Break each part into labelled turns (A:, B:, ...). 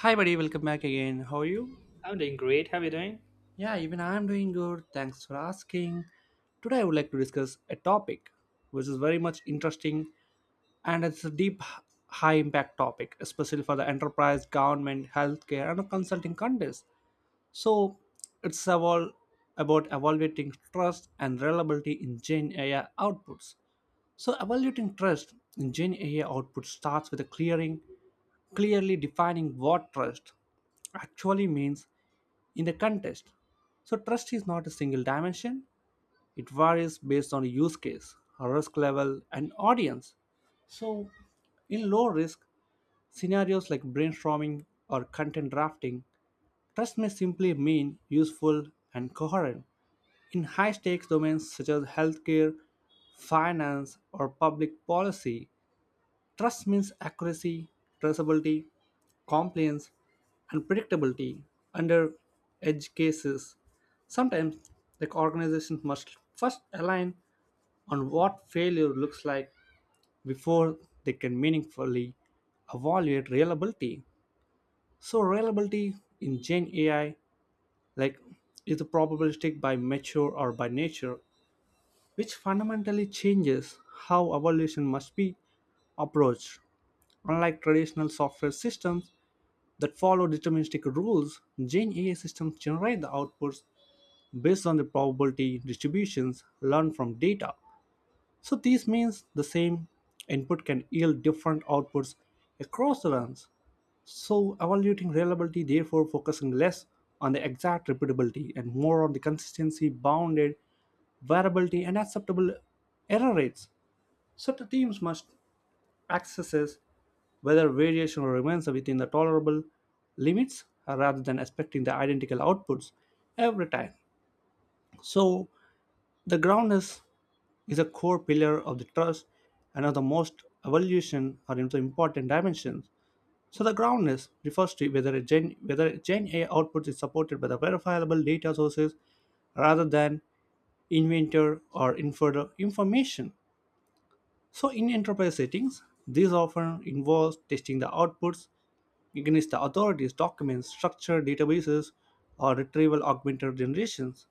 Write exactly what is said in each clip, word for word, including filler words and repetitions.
A: Hi, buddy. Welcome back again. How are you?
B: I'm doing great. How are you doing?
A: Yeah, even I'm doing good. Thanks for asking. Today, I would like to discuss a topic which is very much interesting, and it's a deep, high impact topic, especially for the enterprise, government, healthcare, and consulting companies. So it's all about evaluating trust and reliability in Gen A I outputs. So evaluating trust in Gen A I output starts with a clearing, clearly defining what trust actually means in a contest. So trust is not a single dimension. It varies based on use case, risk level, and audience. So in low risk scenarios like brainstorming or content drafting, trust may simply mean useful and coherent. In high stakes domains such as healthcare, finance, or public policy, trust means accuracy, traceability, compliance, and predictability under edge cases. Sometimes the organizations must first align on what failure looks like before they can meaningfully evaluate reliability. So reliability in Gen A I like is the probabilistic by nature or by nature which fundamentally changes how evaluation must be approached. Unlike traditional software systems that follow deterministic rules, Gen A I systems generate the outputs based on the probability distributions learned from data. So this means the same input can yield different outputs across the runs. So evaluating reliability therefore focusing less on the exact repeatability and more on the consistency, bounded variability, and acceptable error rates. So the teams must assess whether variation remains within the tolerable limits, uh, rather than expecting the identical outputs every time. So the groundness is a core pillar of the trust and of the most evaluation are into important dimensions. So the groundness refers to whether a Gen whether Gen A output is supported by the verifiable data sources rather than inventor or inferred information. So in enterprise settings, this often involves testing the outputs against the authorities' documents, structured databases, or retrieval augmented generations.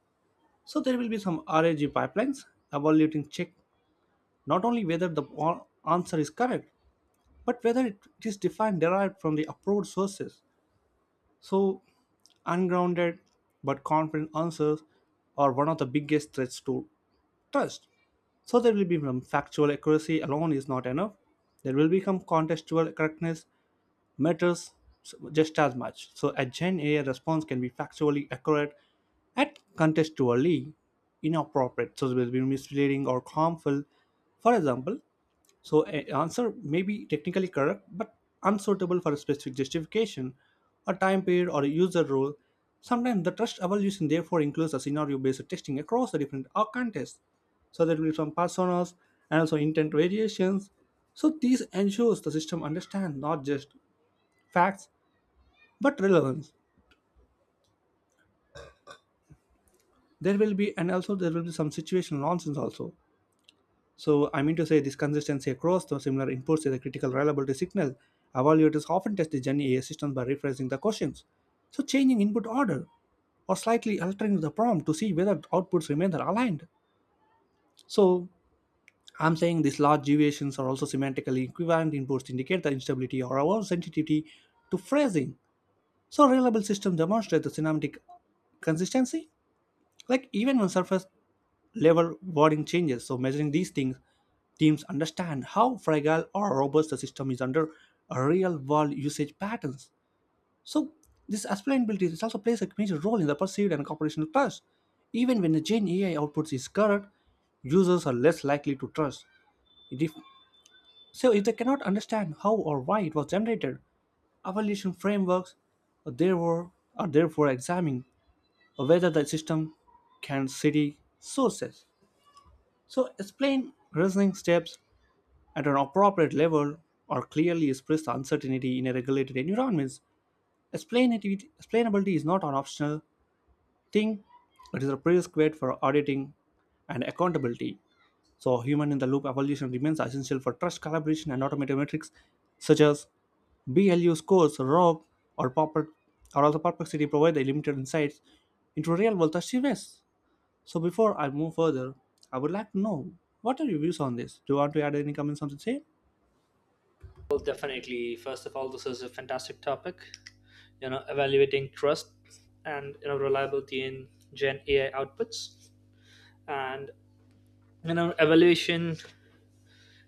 A: So there will be some RAG pipelines evaluating check not only whether the a- answer is correct, but whether it it is defined derived from the approved sources. So ungrounded but confident answers are one of the biggest threats to trust. So there will be some factual accuracy alone is not enough. There will become contextual correctness matters just as much. So a Gen A I response can be factually accurate and contextually inappropriate. So it will be misleading or harmful. For example, so an answer may be technically correct but unsuitable for a specific justification, a time period, or a user role. Sometimes the trust evaluation therefore includes a scenario-based testing across the different uh, contexts. So there will be some personas and also intent variations. So these ensures the system understands not just facts but relevance. There will be and also there will be some situational nonsense also. So I mean to say this consistency across the similar inputs is a critical reliability signal. Evaluators often test the Gen A I systems by rephrasing the questions. So changing input order or slightly altering the prompt to see whether outputs remain aligned. So I'm saying these large deviations are also semantically equivalent inputs indicate the instability or our sensitivity to phrasing. So reliable systems demonstrate the semantic consistency. Like even when surface level warning changes. So measuring these things, teams understand how fragile or robust the system is under real world usage patterns. So this explainability this also plays a major role in the perceived and operational trust. Even when the Gen A I outputs is correct, users are less likely to trust. If, so if they cannot understand how or why it was generated, evaluation frameworks are therefore, are therefore examining whether the system can cite sources. So explain reasoning steps at an appropriate level or clearly express the uncertainty in a regulated environment. Explainability, explainability is not an optional thing, it is a prerequisite for auditing and accountability. So human in the loop evolution remains essential for trust collaboration, and automated metrics such as B L U scores, R O G, or, perplex- or also perplexity provide the limited insights into real world achievements. So before I move further, I would like to know, what are your views on this? Do you want to add any comments on the same?
B: Well, definitely. First of all, this is a fantastic topic. You know, evaluating trust and you know reliability in Gen A I outputs, and you know evaluation.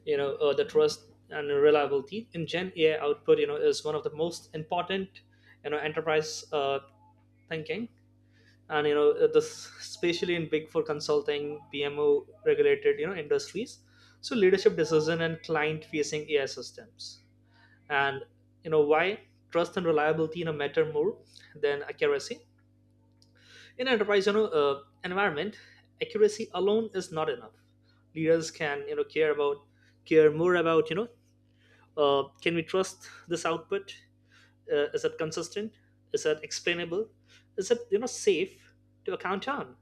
B: You know, uh, the trust and reliability in Gen A I output. You know, is one of the most important. You know, Enterprise uh, thinking, and you know this especially in big four consulting, P M O regulated. You know, industries. So leadership decision and client facing A I systems, and you know why trust and reliability you know matter more than accuracy in enterprise you know uh, environment. Accuracy alone is not enough. Leaders can, you know care about, care more about, you know uh, can we trust this output? Uh, is it consistent? Is it explainable? Is it, you know safe to account on?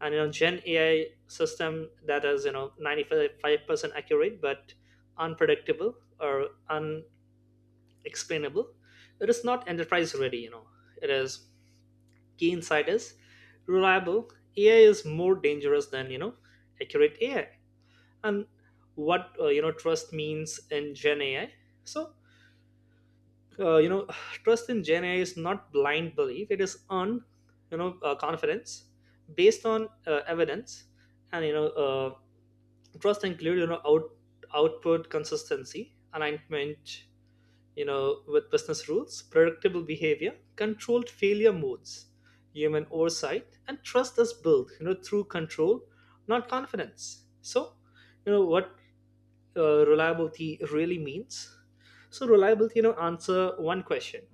B: And you know gen A I system that is you know ninety-five percent accurate but unpredictable or un explainable. It is not enterprise ready, you know. It is key insight is reliable. A I is more dangerous than you know accurate A I. And what, uh, you know trust means in Gen A I. So uh, you know trust in Gen A I is not blind belief. It is on, you know uh, confidence based on uh, evidence, and you know uh, trust include you know out output consistency alignment, you know, with business rules, predictable behavior, controlled failure modes, human oversight. And trust is built, you know, through control, not confidence. So, you know, what, uh, reliability really means? So, reliability, you know, answer one question.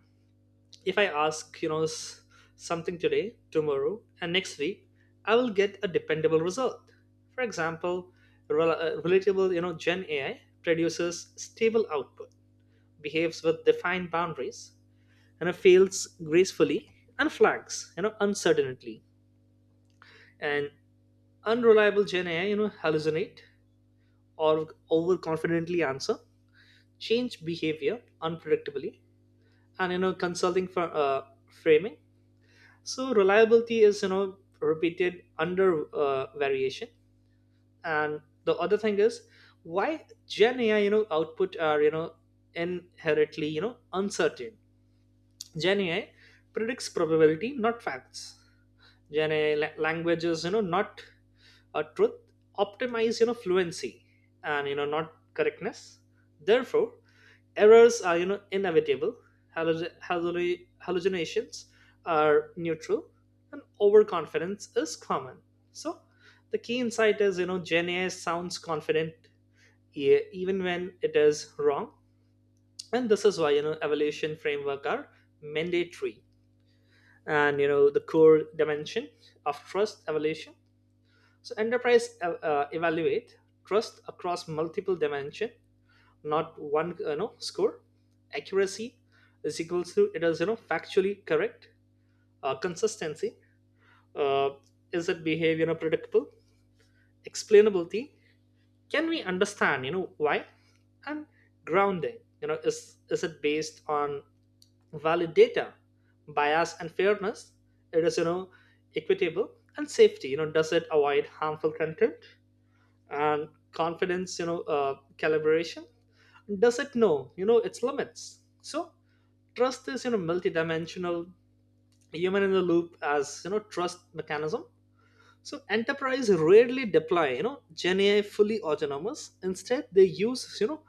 B: If I ask, you know, s- something today, tomorrow, and next week, I will get a dependable result. For example, rel- uh, relatable, you know, Gen A I produces stable output, behaves with defined boundaries, you know, fails gracefully, and flags, you know, uncertainly. And unreliable Gen A I, you know, hallucinate or overconfidently answer, change behavior unpredictably, and, you know, consulting for uh, framing. So reliability is you know repeated under uh, variation. And the other thing is why Gen A I you know output are you know inherently you know uncertain. Gen A I predicts probability, not facts. Gen A I la- languages, you know, not a truth, optimize, you know, fluency and, you know, not correctness. Therefore, errors are, you know, inevitable. Halluc- halluc- hallucinations are neutral and overconfidence is common. So, the key insight is, you know, Gen A I sounds confident, e- even when it is wrong. And this is why, you know, evaluation framework are mandatory. And you know the core dimension of trust evaluation, so enterprise uh, uh, evaluate trust across multiple dimension, not one you know score. Accuracy is equals to it is you know factually correct. Uh, consistency, uh, is it behavior, you know, predictable? Explainability, can we understand you know why? And grounding, you know is is it based on valid data? Bias and fairness, it is you know equitable? And safety, you know does it avoid harmful content? And confidence, you know uh, calibration, does it know you know its limits? So trust is you know multidimensional. Human in the loop as you know trust mechanism. So enterprise rarely deploy, you know, Gen A I fully autonomous. Instead, they use, you know,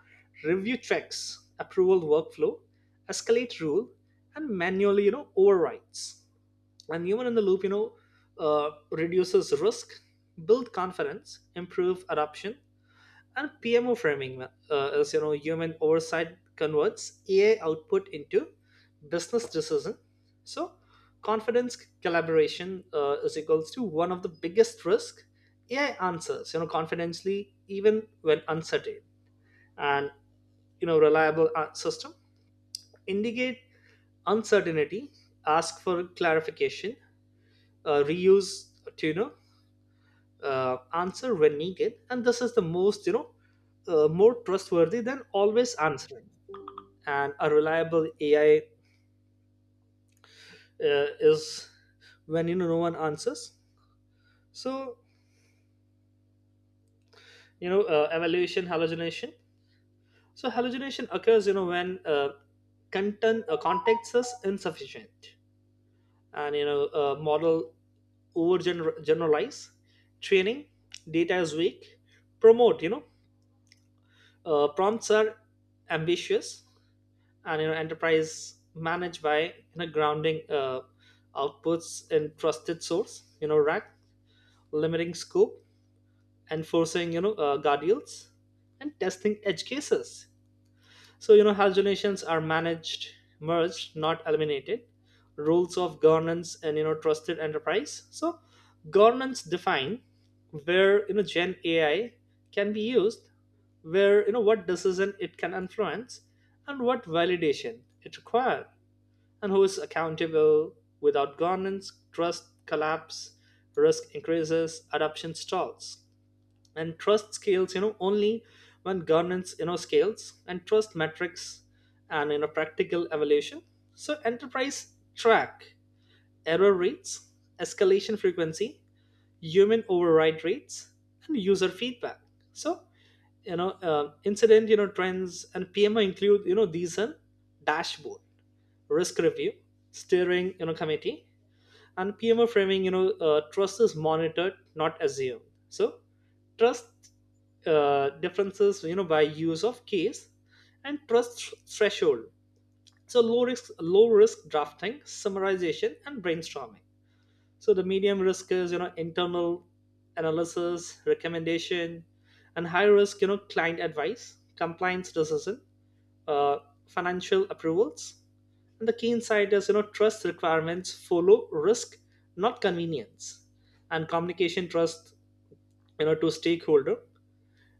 B: review checks, approval workflow, escalate rule, and manually, you know, overrides. And human in the loop, you know, uh, reduces risk, build confidence, improve adoption. And P M O framing, uh, is you know human oversight converts A I output into business decision. So confidence collaboration uh, is equals to one of the biggest risk. A I answers you know confidently even when uncertain. And you know reliable uh, system indicate uncertainty, ask for clarification, uh, reuse to you know uh, answer when needed. And this is the most you know uh, more trustworthy than always answering. And a reliable A I uh, is when you know no one answers. So you know uh, evaluation hallucination, so hallucination occurs you know when, uh, content uh, context is insufficient and you know uh, model over generalize, training data is weak, promote you know uh, prompts are ambitious, and you know enterprise managed by you know grounding uh, outputs in trusted source, you know rack, limiting scope, enforcing you know uh, guardrails, and testing edge cases. So you know hallucinations are managed, merged, not eliminated. Rules of governance and you know trusted enterprise. So governance define where you know Gen A I can be used, where you know what decision it can influence, and what validation it requires, and who is accountable. Without governance, trust collapse, risk increases, adoption stalls, and trust scales you know only when governance you know scales. And trust metrics and you know practical evaluation, so enterprise track error rates, escalation frequency, human override rates, and user feedback. So you know uh, incident you know trends and P M I include you know these are dashboard, risk review, steering you know committee. And P M O framing, you know uh, trust is monitored, not assumed. So trust uh, differences you know by use of case and trust threshold. So low risk low risk drafting, summarization, and brainstorming. So the medium risk is you know internal analysis recommendation. And high risk you know client advice, compliance decision, uh, financial approvals. And the key insight is, you know trust requirements follow risk, not convenience. And communication trust, you know to stakeholder,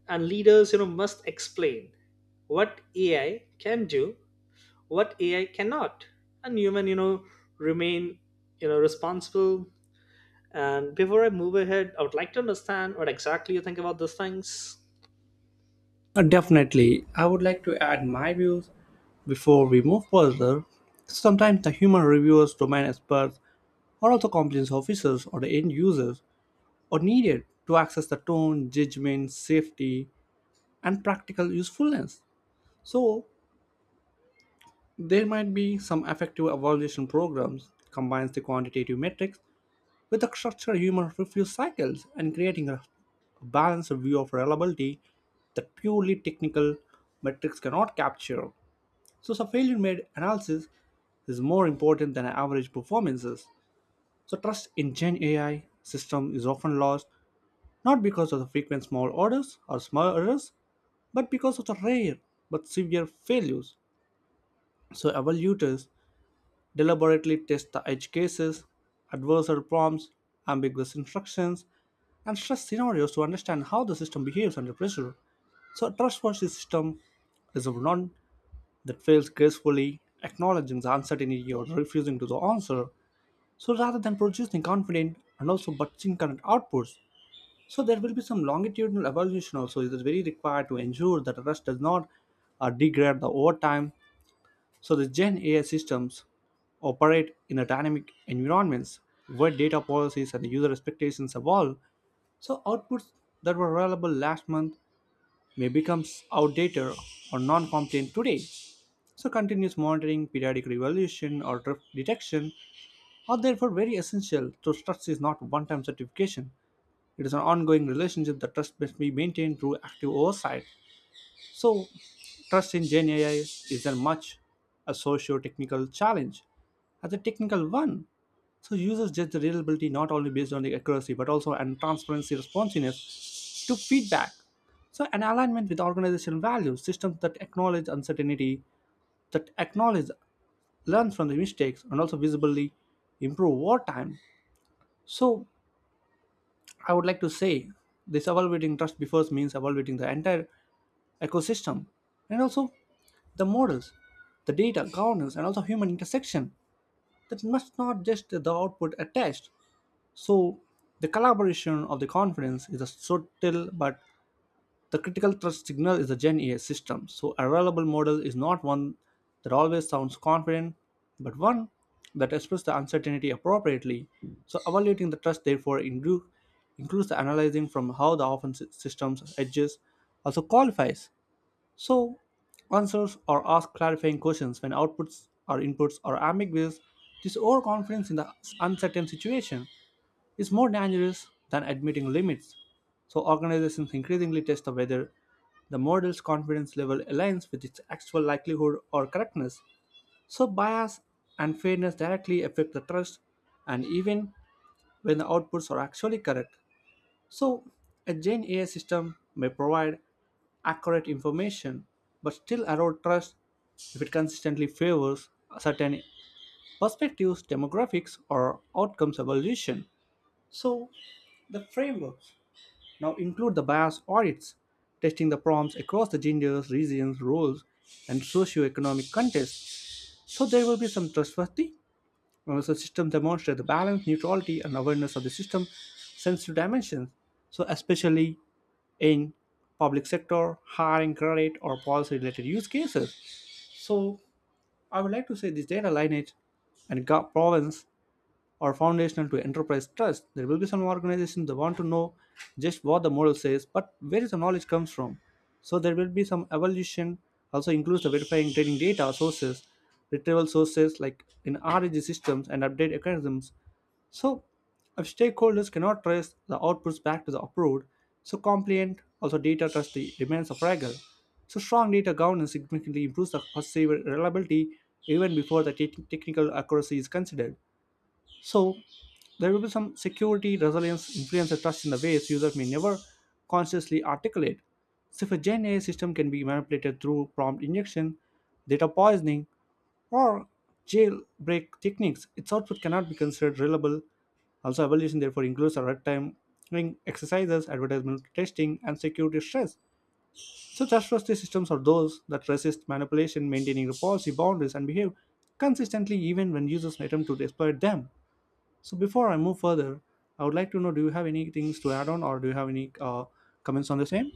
B: and leaders you know must explain what A I can do, what A I cannot, and human you know remain, you know responsible. And before I move ahead, I would like to understand what exactly you think about these things.
A: Uh, Definitely. I would like to add my views before we move further. Sometimes the human reviewers, domain experts, or also compliance officers or the end users are needed to access the tone, judgment, safety, and practical usefulness. So there might be some effective evaluation programs combines the quantitative metrics with the structured human review cycles and creating a a balanced view of reliability that purely technical metrics cannot capture. So a failure made analysis is more important than average performances. So trust in Gen A I system is often lost not because of the frequent small orders or small errors, but because of the rare but severe failures. So evaluators deliberately test the edge cases, adversarial prompts, ambiguous instructions, and stress scenarios to understand how the system behaves under pressure. So a trustworthy system is one that fails gracefully, acknowledging the uncertainty or refusing to the answer. So rather than producing confident and also but incorrect outputs, so there will be some longitudinal evaluation also. It is very required to ensure that a rest does not uh, degrade the overtime. So the Gen A I systems operate in a dynamic environments where data policies and user expectations evolve. So outputs that were reliable last month may become outdated or non-compliant today. So continuous monitoring, periodic revolution, or drift detection are therefore very essential. So trust is not one-time certification. It is an ongoing relationship that trust must be maintained through active oversight. So trust in Gen A I is as much a socio-technical challenge as a technical one. So users judge the reliability not only based on the accuracy but also on transparency, responsiveness to feedback. So an alignment with organizational values, systems that acknowledge uncertainty, that acknowledge learn from the mistakes and also visibly improve over time. So I would like to say this evaluating trust before means evaluating the entire ecosystem and also the models, the data, governance, and also human intersection. That must not just the output attached. So the collaboration of the conference is a subtle but the critical thrust signal is the Gen A I system. So a reliable model is not one that always sounds confident, but one that expresses the uncertainty appropriately. So evaluating the trust therefore inclu- includes the analyzing from how the offense systems edges also qualifies. So answers or ask clarifying questions when outputs or inputs are ambiguous. This overconfidence in the uncertain situation is more dangerous than admitting limits. So organizations increasingly test the whether the model's confidence level aligns with its actual likelihood or correctness. So bias and fairness directly affect the trust, and even when the outputs are actually correct. So a Gen A I system may provide accurate information but still erode trust if it consistently favors certain perspectives, demographics, or outcomes evolution. So the frameworks now include the bias audits, testing the prompts across the genders, regions, roles, and socioeconomic context. So there will be some trustworthy. uh, So system demonstrate the balance, neutrality, and awareness of the system sensitive dimensions. So especially in public sector, hiring credit, or policy related use cases. So I would like to say this data lineage and gov- province or foundational to enterprise trust. There will be some organizations that want to know just what the model says, but where is the knowledge comes from? So there will be some evolution. Also includes the verifying training data sources, retrieval sources like in RAG systems and update mechanisms. So if stakeholders cannot trace the outputs back to the approved, so compliant also data trust remains a fragile. So strong data governance significantly improves the perceived reliability even before the te- technical accuracy is considered. So there will be some security, resilience, influence, and trust in the ways users may never consciously articulate. So if a Gen A I system can be manipulated through prompt injection, data poisoning, or jailbreak techniques, its output cannot be considered reliable. Also, evaluation therefore includes a red time exercises, advertisement testing, and security stress. So trustworthy systems are those that resist manipulation, maintaining the policy boundaries, and behave consistently even when users attempt to exploit them. So before I move further, I would like to know, do you have any things to add on or do you have any uh, comments on the same?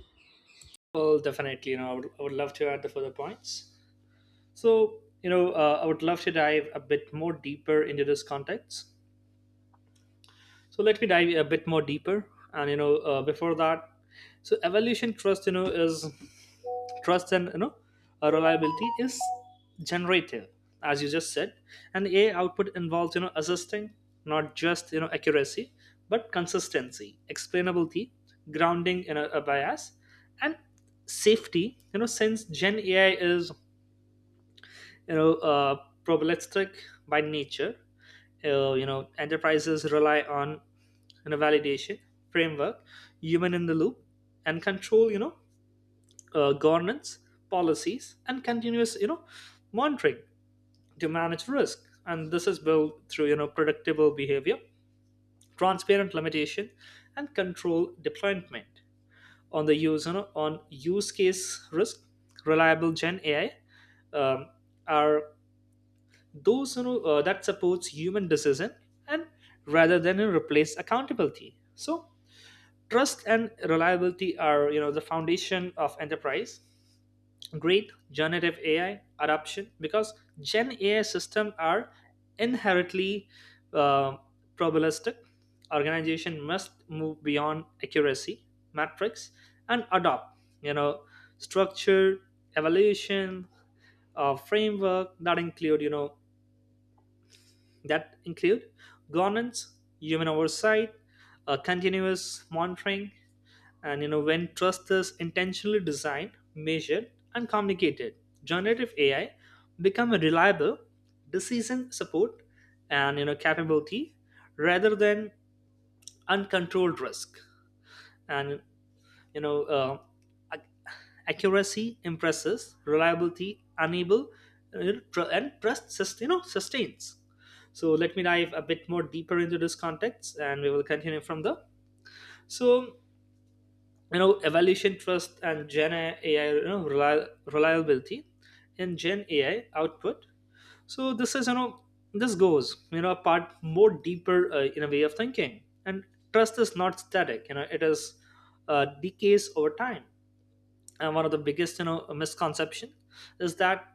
B: Well, definitely, you know i would, I would love to add the further points. So you know uh, I would love to dive a bit more deeper into this context. So let me dive a bit more deeper, and you know uh, before that. So evolution trust you know is trust, and you know uh, reliability is generative, as you just said. And A I output involves you know assisting, not just you know accuracy, but consistency, explainability, grounding in a, a bias and safety. You know since Gen A I is you know uh, probabilistic by nature, uh, you know enterprises rely on you know validation framework, human in the loop, and control, you know uh, governance policies, and continuous you know monitoring to manage risk. And this is built through you know predictable behavior, transparent limitation, and control deployment on the use, you know, on use case risk. Reliable Gen A I um, are those you know uh, that supports human decision, and rather than replace accountability. So trust and reliability are you know the foundation of enterprise great generative A I adoption, because Gen A I systems are inherently uh, probabilistic. Organization must move beyond accuracy metrics and adopt, you know, structure, evaluation, uh, framework that include, you know, that include governance, human oversight, uh, continuous monitoring, and you know, when trust is intentionally designed, measured, and communicated, generative A I become a reliable decision support and you know capability, rather than uncontrolled risk. And you know, uh, ac- accuracy impresses, reliability enable, uh, tr- and trust sus- you know sustains. So let me dive a bit more deeper into this context, and we will continue from there. So you know evaluation trust and Gen A I, you know reli- reliability in Gen A I output. So this is you know this goes you know a part more deeper uh, in a way of thinking. And trust is not static. You know it is uh, decays over time. And one of the biggest you know misconception is that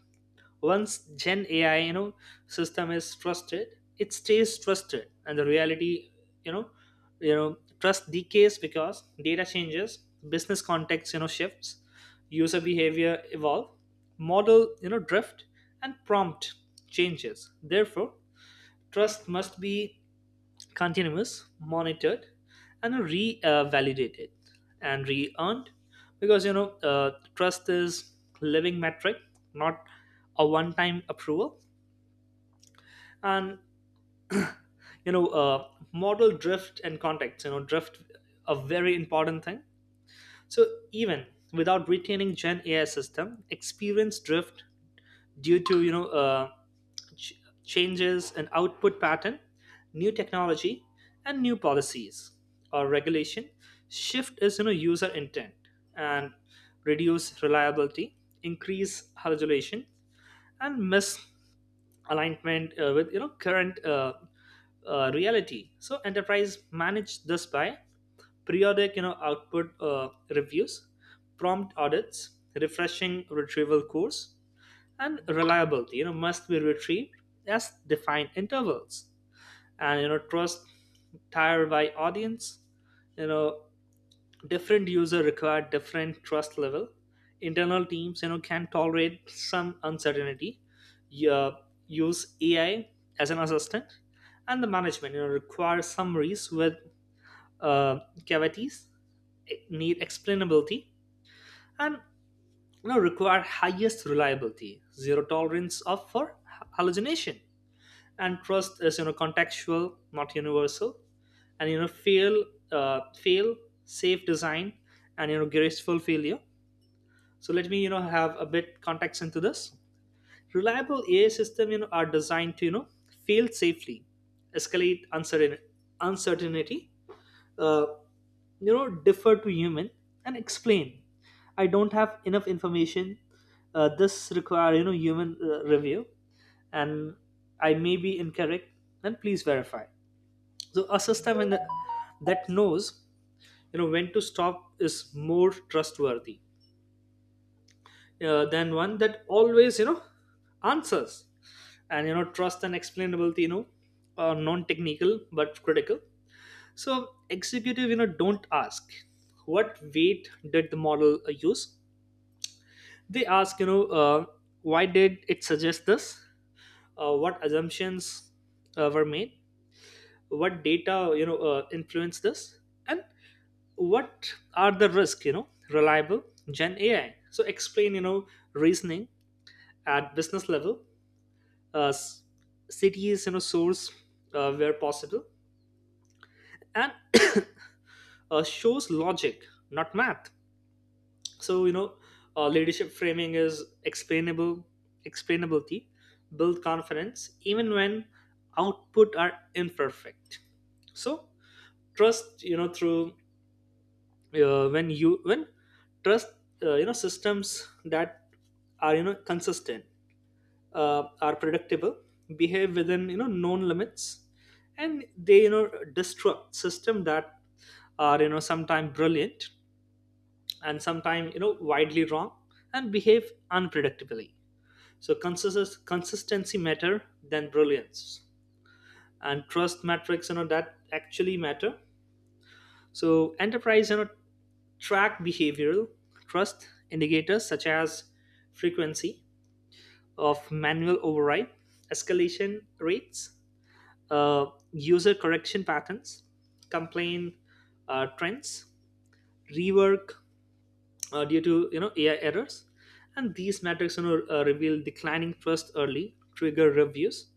B: once Gen A I you know system is trusted, it stays trusted. And the reality, you know you know trust decays because data changes, business context you know shifts, user behavior evolve, model you know drift, and prompt changes. Therefore, trust must be continuous, monitored, and re-validated and re-earned, because you know uh, trust is living metric, not a one-time approval. And you know, uh, model drift and context. You know, drift, a very important thing. So even without retaining Gen A I system, experience drift due to you know uh, ch- changes in output pattern, new technology, and new policies or regulation shift. Is you know user intent and reduce reliability, increase hallucination and misalignment uh, with you know current uh, uh, reality. So enterprise manage this by periodic you know output uh, reviews, prompt audits, refreshing retrieval course. And reliability you know must be retrieved as defined intervals. And you know trust tier by audience. you know Different user require different trust level. Internal teams you know can tolerate some uncertainty. Yeah, use A I as an assistant. And the management you know require summaries with uh, cavities, e, need explainability, and you know require highest reliability, zero tolerance of for hallucination. And trust is you know contextual, not universal. And you know fail uh, fail safe design, and you know graceful failure. So let me you know have a bit context into this. Reliable ai system you know are designed to you know fail safely, escalate uncertain uncertainty, uh, you know defer to human, and explain, I don't have enough information, uh, this require you know human uh, review, and I may be incorrect, then please verify. So a system in the, that knows you know when to stop is more trustworthy uh, than one that always you know answers. And you know trust and explainability you know are non-technical but critical. So executive, you know, don't ask what weight did the model uh, use. They ask, you know, uh, why did it suggest this? Uh, what assumptions uh, were made? What data, you know, uh, influenced this? And what are the risks, you know, reliable Gen A I? So explain, you know, reasoning at business level, uh, s- cities, you know, source uh, where possible, and uh, shows logic, not math. So you know uh, leadership framing is explainable. Explainability build confidence even when output are imperfect. So trust you know through, uh, when you when trust, uh, you know systems that are you know consistent, uh, are predictable, behave within you know known limits. And they you know destruct system that are you know sometimes brilliant and sometimes you know widely wrong and behave unpredictably. So consensus consistency matter than brilliance. And trust metrics you know that actually matter. So enterprise you know track behavioral trust indicators such as frequency of manual override, escalation rates, uh, user correction patterns, complaint uh, trends, rework uh, due to you know A I errors. And these metrics you know uh, reveal declining trust early, trigger reviews,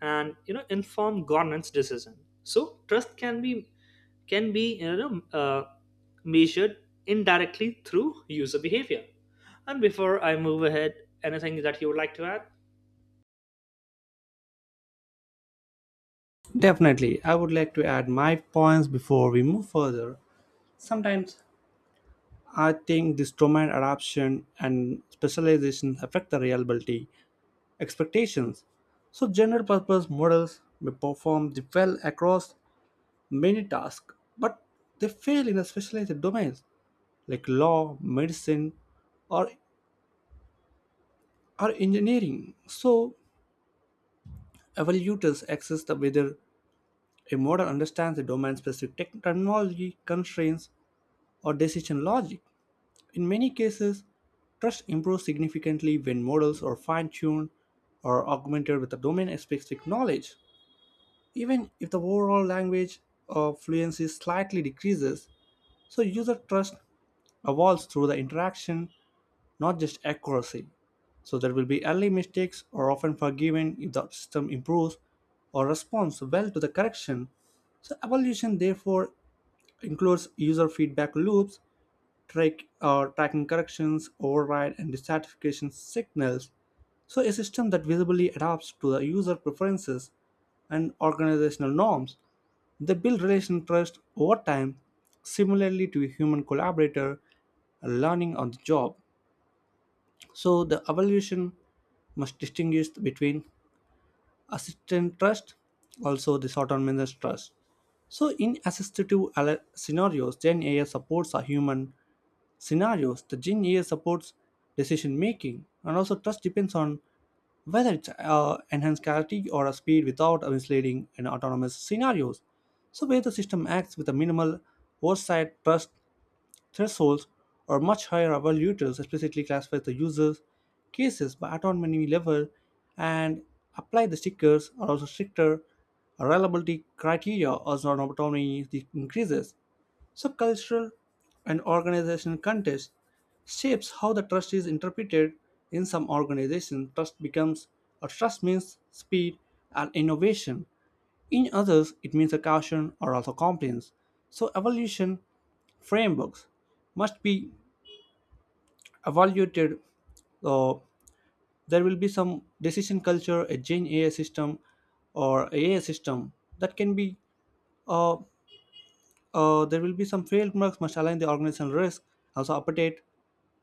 B: and you know inform governance decision. So trust can be, can be you know uh, measured indirectly through user behavior. And before I move ahead, anything that you would like to add?
A: Definitely. I would like to add my points before we move further. Sometimes I think this domain adoption and specialization affect the reliability expectations. So general purpose models may perform the well across many tasks, but they fail in the specialized domains like law, medicine, or or engineering. So evaluators assess the whether a model understands the domain specific tech- technology constraints or decision logic. In many cases, trust improves significantly when models are fine tuned or augmented with the domain specific knowledge. Even if the overall language of fluency slightly decreases, so user trust evolves through the interaction not just accuracy. So there will be early mistakes are often forgiven if the system improves or responds well to the correction. So evaluation therefore includes user feedback loops, track, uh, tracking corrections, override, and dissatisfaction signals. So a system that visibly adapts to the user preferences and organizational norms. They build relation trust over time, similarly to a human collaborator learning on the job. So the evaluation must distinguish between assistant trust, also the autonomous trust. So in assistive al- scenarios, Gen A I supports a human scenarios. The Gen A I supports decision making, and also trust depends on whether it's uh, enhanced clarity or a speed without misleading in autonomous scenarios. So where the system acts with a minimal oversight, trust thresholds or much higher evaluators explicitly classify the users cases by autonomy level and apply the stickers or also stricter reliability criteria as non autonomy increases. So cultural and organizational context shapes how the trust is interpreted in some organizations trust becomes or trust means speed and innovation in others, it means a caution or also compliance. So evaluation frameworks must be evaluated. So there will be some decision culture, a Gen A I system or A I system that can be uh, Uh, there will be some frameworks must align the organizational risk, also update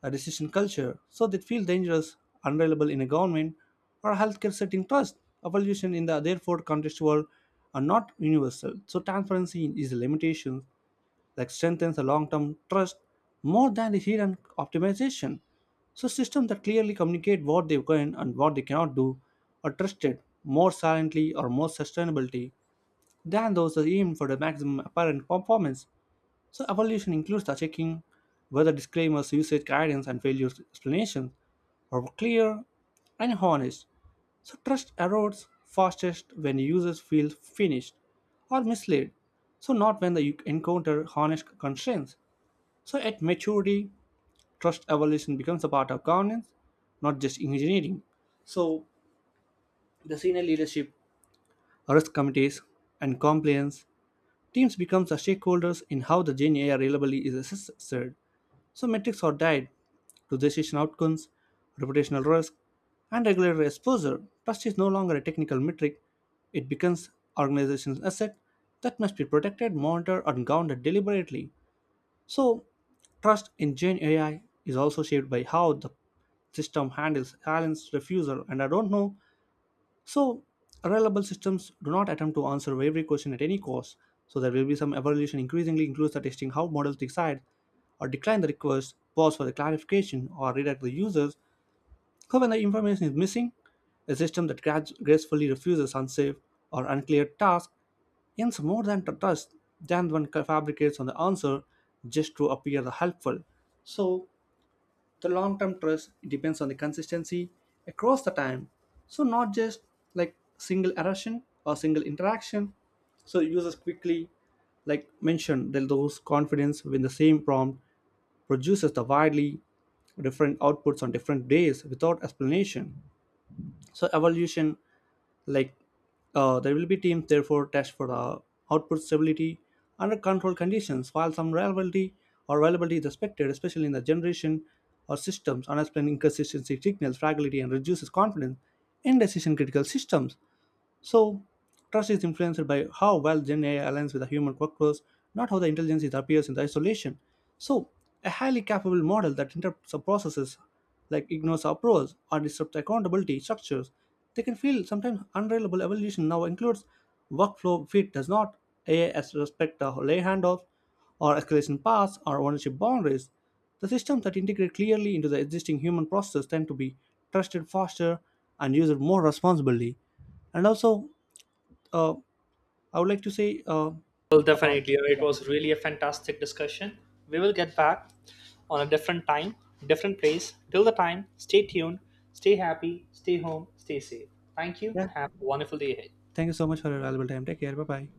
A: a decision culture, so they feel dangerous, unreliable in a government or healthcare setting trust. Evolution in the therefore contextual are not universal. So transparency is a limitation that strengthens a long-term trust more than the hidden optimization. So systems that clearly communicate what they can and what they cannot do are trusted more silently or more sustainability than those that aim for the maximum apparent performance. So evaluation includes the checking whether disclaimers, usage guidance, and failure explanations are clear and honest. So trust erodes fastest when users feel finished or misled. So not when they encounter honest constraints. So at maturity, trust evolution becomes a part of governance, not just engineering. So the senior leadership, risk committees, and compliance teams become the stakeholders in how the Gen A I reliability is assessed. So metrics are tied to decision outcomes, reputational risk, and regulatory exposure. Trust is no longer a technical metric. It becomes organization's asset that must be protected, monitored, and governed deliberately. So trust in Gen A I is also shaped by how the system handles silence, refusal, and I don't know. So, reliable systems do not attempt to answer every question at any cost, so there will be some evolution increasingly includes the testing how models decide or decline the request, pause for the clarification, or redirect the users. So, when the information is missing, a system that grad- gracefully refuses unsafe or unclear tasks earns more than tr- trust than one ca- fabricates on the answer just to appear helpful. So, the long term trust depends on the consistency across the time so not just like single eruption or single interaction so users quickly like mentioned that those confidence when the same prompt produces the widely different outputs on different days without explanation so evolution like uh, there will be teams therefore test for the output stability under controlled conditions while some reliability or reliability is expected especially in the generation or systems unexplained inconsistency signals fragility and reduces confidence in decision critical systems. So, trust is influenced by how well Gen A I aligns with the human workflows, not how the intelligence it appears in the isolation. So, a highly capable model that interrupts the processes, like ignores approvals or disrupts accountability structures, they can feel sometimes unreliable. Evolution now includes workflow fit does not A I as respect the lay handoffs or escalation paths or ownership boundaries. The systems that integrate clearly into the existing human processes tend to be trusted faster and used more responsibly. And also, uh, I would like to say, uh,
B: Well,
A: uh,
B: definitely. uh, It
A: yeah,
B: was really a fantastic discussion. We will get back on a different time, different place. Till the time, stay tuned, stay happy, stay home, stay safe. Thank you,
A: yeah.
B: and have a wonderful day ahead.
A: Thank you so much for your valuable time. Take care. Bye bye.